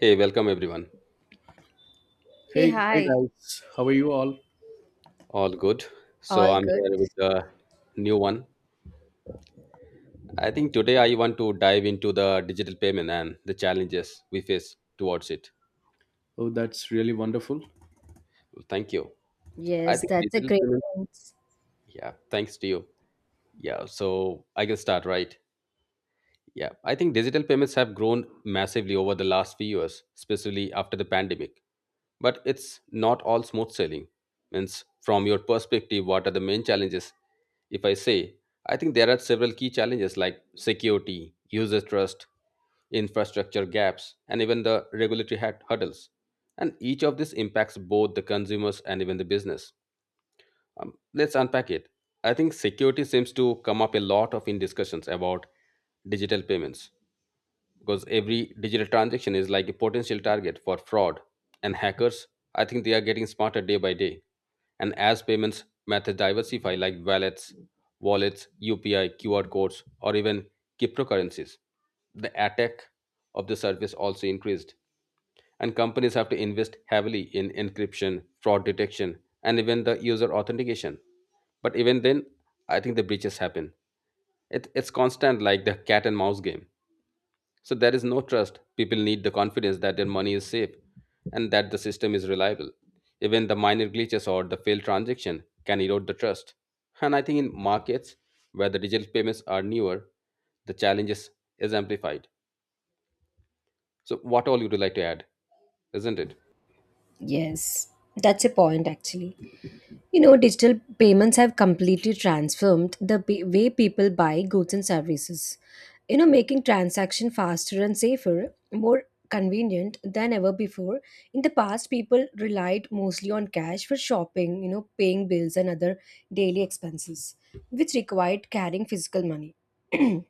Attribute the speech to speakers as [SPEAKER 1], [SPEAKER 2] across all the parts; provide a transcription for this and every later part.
[SPEAKER 1] Hey, welcome everyone.
[SPEAKER 2] Hey,
[SPEAKER 3] Hey, hey
[SPEAKER 2] hi.
[SPEAKER 3] guys, how are you all?
[SPEAKER 1] All good. So
[SPEAKER 2] All
[SPEAKER 1] I'm
[SPEAKER 2] good?
[SPEAKER 1] here with the new one. I think today I want to dive into the digital payment and the challenges we face towards it.
[SPEAKER 3] Oh, that's really wonderful.
[SPEAKER 1] Well, thank you. I
[SPEAKER 2] Yes,
[SPEAKER 1] think
[SPEAKER 2] that's a
[SPEAKER 1] digital
[SPEAKER 2] great
[SPEAKER 1] payments,
[SPEAKER 2] point.
[SPEAKER 1] yeah, thanks to you. Yeah, so I can start, right? Yeah, I think digital payments have grown massively over the last few years, especially after the pandemic, but it's not all smooth sailing. Means, from your perspective, what are the main challenges? If I say, I think there are several key challenges like security, user trust, infrastructure gaps, and even the regulatory hurdles. And each of this impacts both the consumers and even the business. Let's unpack it. I think security seems to come up a lot of in discussions about digital payments, because every digital transaction is like a potential target for fraud and hackers. I think they are getting smarter day by day, and as payments methods diversify like wallets, UPI, QR codes, or even cryptocurrencies, the attack of the service also increased. And companies have to invest heavily in encryption, fraud detection, and even the user authentication. But even then, I think the breaches happen. It's constant, like the cat and mouse game. So there is no trust. People need the confidence that their money is safe and that the system is reliable. Even the minor glitches or the failed transaction can erode the trust. And I think in markets where the digital payments are newer, the challenges is amplified. So what all you would like to add, isn't it?
[SPEAKER 2] Yes, that's a point actually. You know, digital payments have completely transformed the way people buy goods and services. You know, making transaction faster and safer, more convenient than ever before. In the past, people relied mostly on cash for shopping, you know, paying bills and other daily expenses, which required carrying physical money.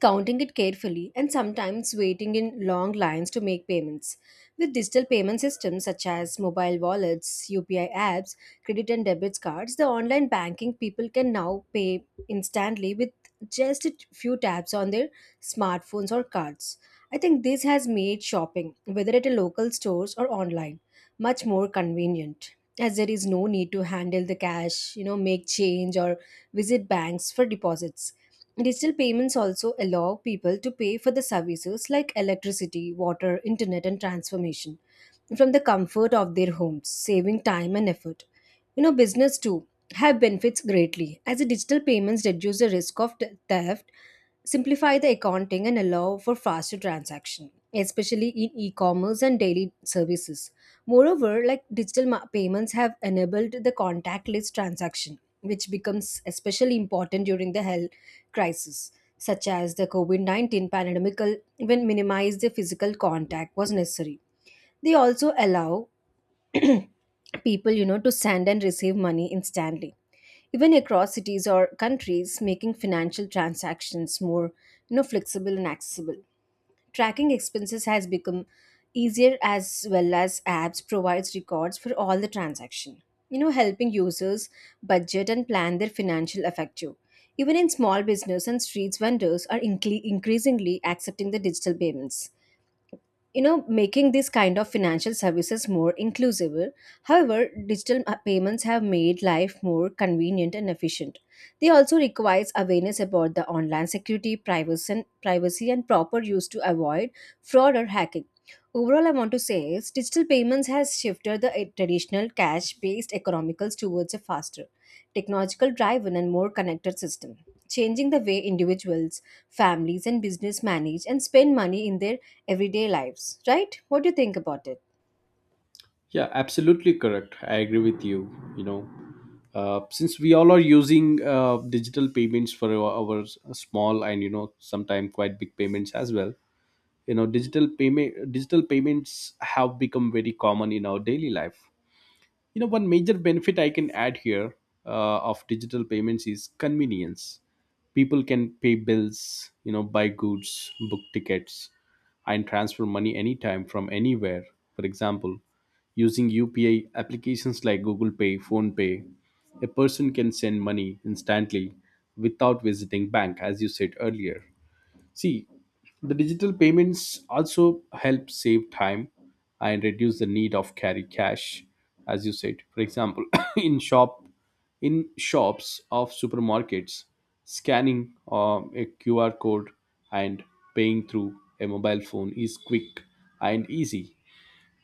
[SPEAKER 2] Counting it carefully, and sometimes waiting in long lines to make payments. With digital payment systems such as mobile wallets, UPI apps, credit and debit cards, the online banking people can now pay instantly with just a few taps on their smartphones or cards. I think this has made shopping, whether at a local stores or online, much more convenient as there is no need to handle the cash, you know, make change or visit banks for deposits. Digital payments also allow people to pay for the services like electricity, water, internet, and transformation from the comfort of their homes, saving time and effort. You know, business too have benefits greatly as the digital payments reduce the risk of theft, simplify the accounting, and allow for faster transaction, especially in e-commerce and daily services. Moreover, like, digital payments have enabled the contactless transaction, which becomes especially important during the health crisis such as the covid-19 pandemic, when minimize the physical contact was necessary. They also allow people, you know, to send and receive money instantly, even across cities or countries, making financial transactions more, you know, flexible and accessible. Tracking expenses has become easier as well as apps provides records for all the transaction, you know, helping users budget and plan their financial effective. Even in small business and streets vendors are increasingly accepting the digital payments, you know, making these kind of financial services more inclusive. However, digital payments have made life more convenient and efficient, they also requires awareness about the online security, privacy, and proper use to avoid fraud or hacking. Overall, I want to say is digital payments has shifted the traditional cash-based economicals towards a faster, technological-driven, and more connected system, changing the way individuals, families, and business manage and spend money in their everyday lives. Right? What do you think about it?
[SPEAKER 3] Yeah, absolutely correct. I agree with you. You know, since we all are using digital payments for our small and you know sometimes quite big payments as well. You know, digital payments have become very common in our daily life. You know, one major benefit I can add here of digital payments is convenience. People can pay bills, you know, buy goods, book tickets, and transfer money anytime from anywhere. For example, using UPI applications like Google Pay, Phone Pay, a person can send money instantly without visiting bank, as you said earlier. See, the digital payments also help save time and reduce the need of carry cash, as you said. For example, in shop, in shops of supermarkets, scanning a QR code and paying through a mobile phone is quick and easy.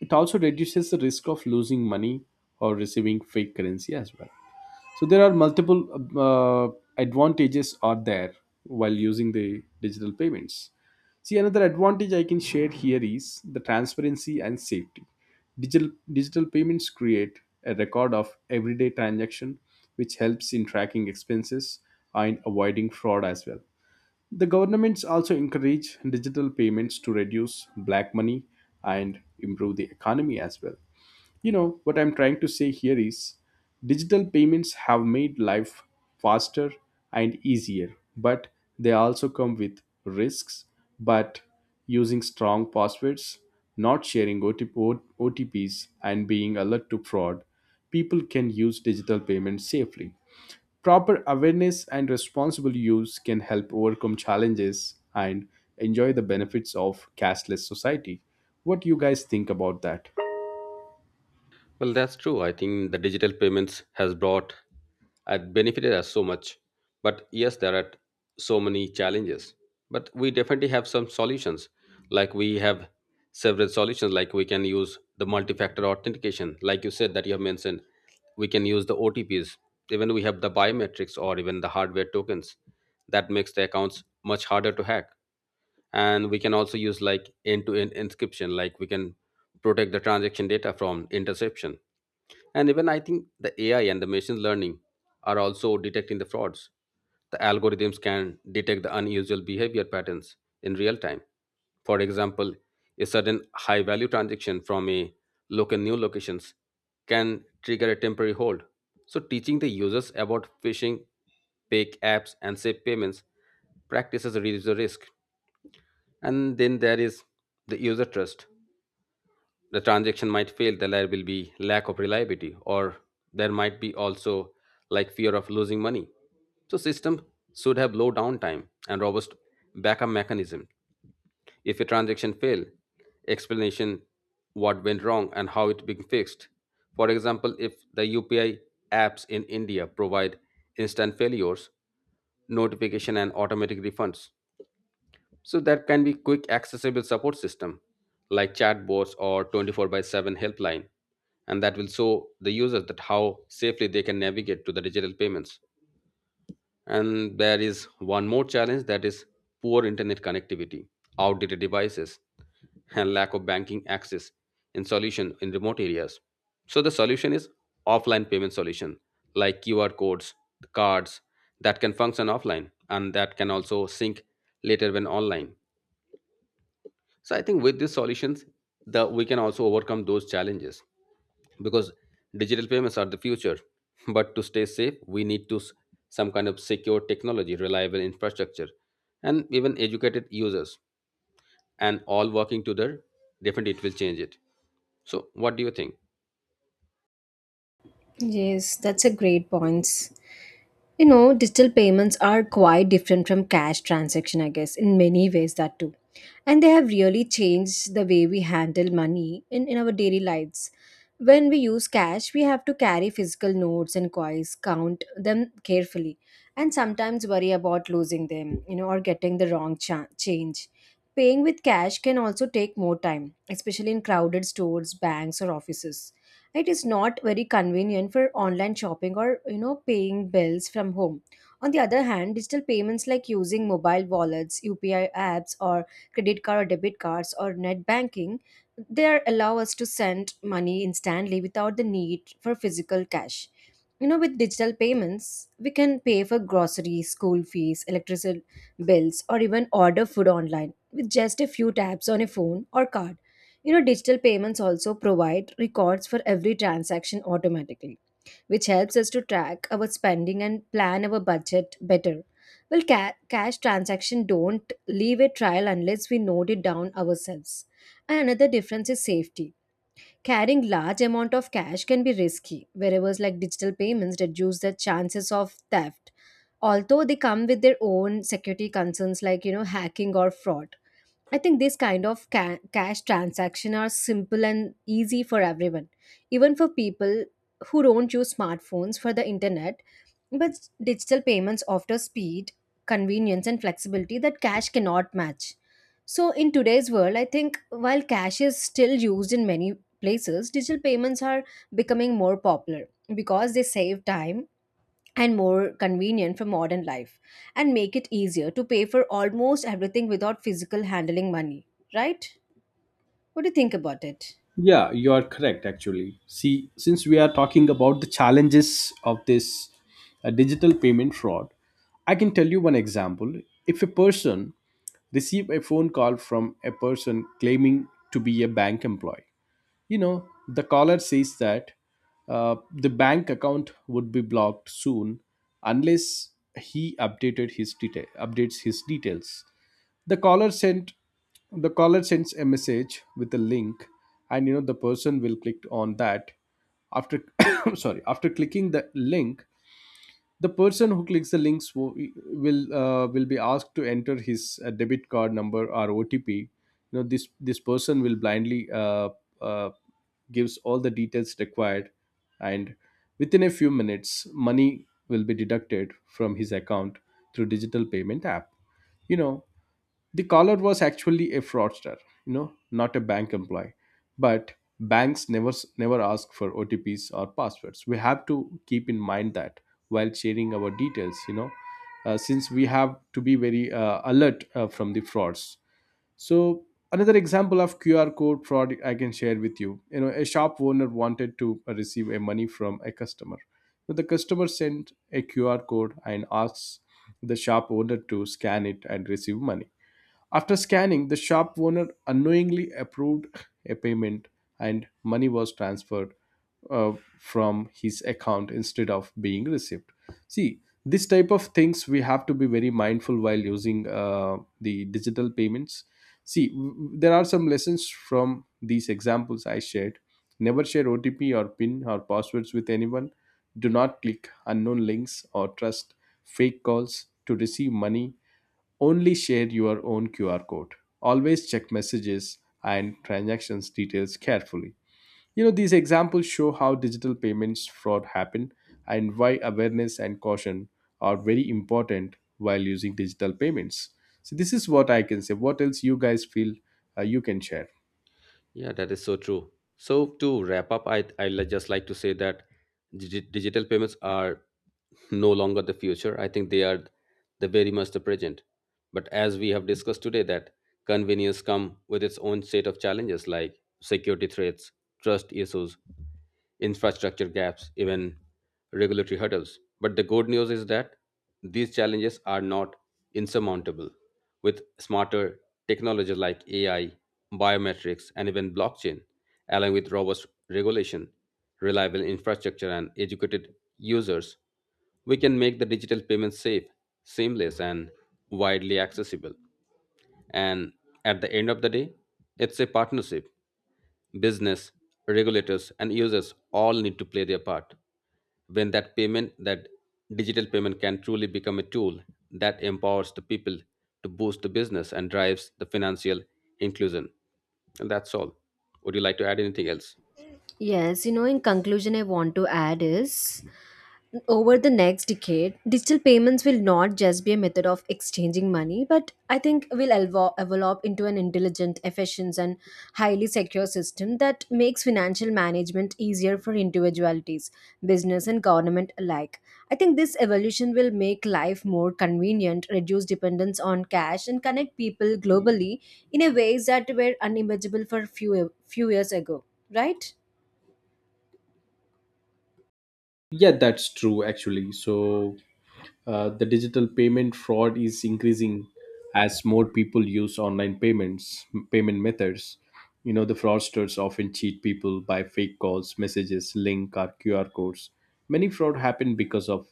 [SPEAKER 3] It also reduces the risk of losing money or receiving fake currency as well. So there are multiple uh, advantages are there while using the digital payments. See, another advantage I can share here is the transparency and safety. Digital payments create a record of everyday transaction, which helps in tracking expenses and avoiding fraud as well. The governments also encourage digital payments to reduce black money and improve the economy as well. You know, what I'm trying to say here is digital payments have made life faster and easier, but they also come with risks. But using strong passwords, not sharing OTPs, and being alert to fraud, people can use digital payments safely. Proper awareness and responsible use can help overcome challenges and enjoy the benefits of cashless society. What do you guys think about that?
[SPEAKER 1] Well, that's true. I think the digital payments has brought and benefited us so much. But yes, there are so many challenges. But we definitely have some solutions. Like we have several solutions, like we can use the multi-factor authentication, like you said that you have mentioned. We can use the OTPs. Even we have the biometrics or even the hardware tokens. That makes the accounts much harder to hack. And we can also use like end-to-end encryption, like we can protect the transaction data from interception. And even I think the AI and the machine learning are also detecting the frauds. The algorithms can detect the unusual behavior patterns in real time. For example, a sudden high value transaction from a local new locations can trigger a temporary hold. So teaching the users about phishing, fake apps, and safe payments practices reduce the risk. And then there is the user trust. The transaction might fail, then there will be lack of reliability, or there might be also like fear of losing money. So system should have low downtime and robust backup mechanism. If a transaction fail, explanation what went wrong and how it being fixed. For example, if the UPI apps in India provide instant failures notification and automatic refunds, so that can be quick accessible support system like chatbots or 24 by 7 helpline, and that will show the users that how safely they can navigate to the digital payments. And there is one more challenge that is poor internet connectivity, outdated devices, and lack of banking access in solution in remote areas. So the solution is offline payment solution like QR codes, cards that can function offline and that can also sync later when online. So I think with these solutions, the we can also overcome those challenges, because digital payments are the future. But to stay safe, we need to some kind of secure technology, reliable infrastructure, and even educated users, and all working together. Definitely, it will change it. So, what do you think?
[SPEAKER 2] Yes, that's a great point. You know, digital payments are quite different from cash transaction, I guess, in many ways that too. And they have really changed the way we handle money in our daily lives. When we use cash, we have to carry physical notes and coins, count them carefully, and sometimes worry about losing them, you know, or getting the wrong change. Paying with cash can also take more time, especially in crowded stores, banks, or offices. It is not very convenient for online shopping or, you know, paying bills from home. On the other hand, digital payments like using mobile wallets, UPI apps, or credit card or debit cards or net banking, allow us to send money instantly without the need for physical cash. You know, with digital payments, we can pay for groceries, school fees, electricity bills, or even order food online with just a few taps on a phone or card. You know, digital payments also provide records for every transaction automatically, which helps us to track our spending and plan our budget better. Well, cash transaction don't leave a trail unless we note it down ourselves. And another difference is safety. Carrying large amount of cash can be risky, whereas, like, digital payments reduce the chances of theft. Although they come with their own security concerns like, you know, hacking or fraud. I think this kind of cash transaction are simple and easy for everyone, even for people who don't use smartphones for the internet. But digital payments offer speed, convenience, and flexibility that cash cannot match. So in today's world, I think while cash is still used in many places, digital payments are becoming more popular because they save time and more convenient for modern life and make it easier to pay for almost everything without physical handling money, right? What do you think about it?
[SPEAKER 3] Yeah, you are correct, actually. See, since we are talking about the challenges of this digital payment fraud, I can tell you one example. If a person receive a phone call from a person claiming to be a bank employee, you know, the caller says that the bank account would be blocked soon unless he updates his details. The caller sent the caller sends a message with a link, and you know the person will click on that. After sorry, after clicking the link, the person who clicks the links wo- will be asked to enter his debit card number or OTP. You know this person will blindly uh, gives all the details required, and within a few minutes, money will be deducted from his account through digital payment app. You know, the caller was actually a fraudster, you know, not a bank employee, but banks never, never ask for OTPs or passwords. We have to keep in mind that while sharing our details, you know, since we have to be very alert from the frauds. So another example of QR code fraud I can share with you. You know, a shop owner wanted to receive a money from a customer, so the customer sent a QR code and asks the shop owner to scan it and receive money. After scanning, the shop owner unknowingly approved a payment, and money was transferred from his account instead of being received. See, this type of things we have to be very mindful while using the digital payments. See, there are some lessons from these examples I shared. Never share OTP or PIN or passwords with anyone. Do not click unknown links or trust fake calls to receive money. Only share your own QR code. Always check messages and transactions details carefully. You know, these examples show how digital payments fraud happen and why awareness and caution are very important while using digital payments. So this is what I can say. What else you guys feel you can share?
[SPEAKER 1] Yeah, that is so true. So, to wrap up, I just like to say that digital payments are no longer the future. I think they are the very much the present. But as we have discussed today, that convenience come with its own set of challenges like security threats, trust issues, infrastructure gaps, even regulatory hurdles. But the good news is that these challenges are not insurmountable. With smarter technologies like AI, biometrics, and even blockchain, along with robust regulation, reliable infrastructure, and educated users, we can make the digital payments safe, seamless, and widely accessible. And at the end of the day, it's a partnership. Business, regulators, and users all need to play their part. When that payment, that digital payment can truly become a tool that empowers the people to boost the business and drives the financial inclusion. And that's all. Would you like to add anything else?
[SPEAKER 2] Yes, you know, in conclusion, I want to add is over the next decade, digital payments will not just be a method of exchanging money, but I think will evolve into an intelligent, efficient, and highly secure system that makes financial management easier for individualities, business, and government alike. I think this evolution will make life more convenient, reduce dependence on cash, and connect people globally in a ways that were unimaginable for few years ago. Right?
[SPEAKER 3] Yeah, that's true actually. So, the digital payment fraud is increasing as more people use online payments payment methods. You know, the fraudsters often cheat people by fake calls, messages, link, or QR codes. Many fraud happen because of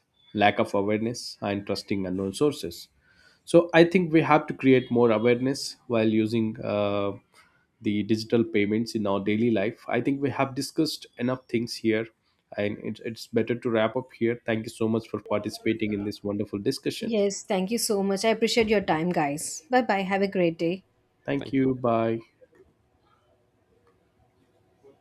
[SPEAKER 3] lack of awareness and trusting unknown sources. So I think we have to create more awareness while using the digital payments in our daily life. I think we have discussed enough things here, and it's better to wrap up here. Thank you so much for participating in this wonderful discussion.
[SPEAKER 2] Yes, thank you so much. I appreciate your time, guys. Bye bye. Have a great day.
[SPEAKER 3] Thank
[SPEAKER 1] Thank
[SPEAKER 3] you.
[SPEAKER 1] you.
[SPEAKER 3] Bye.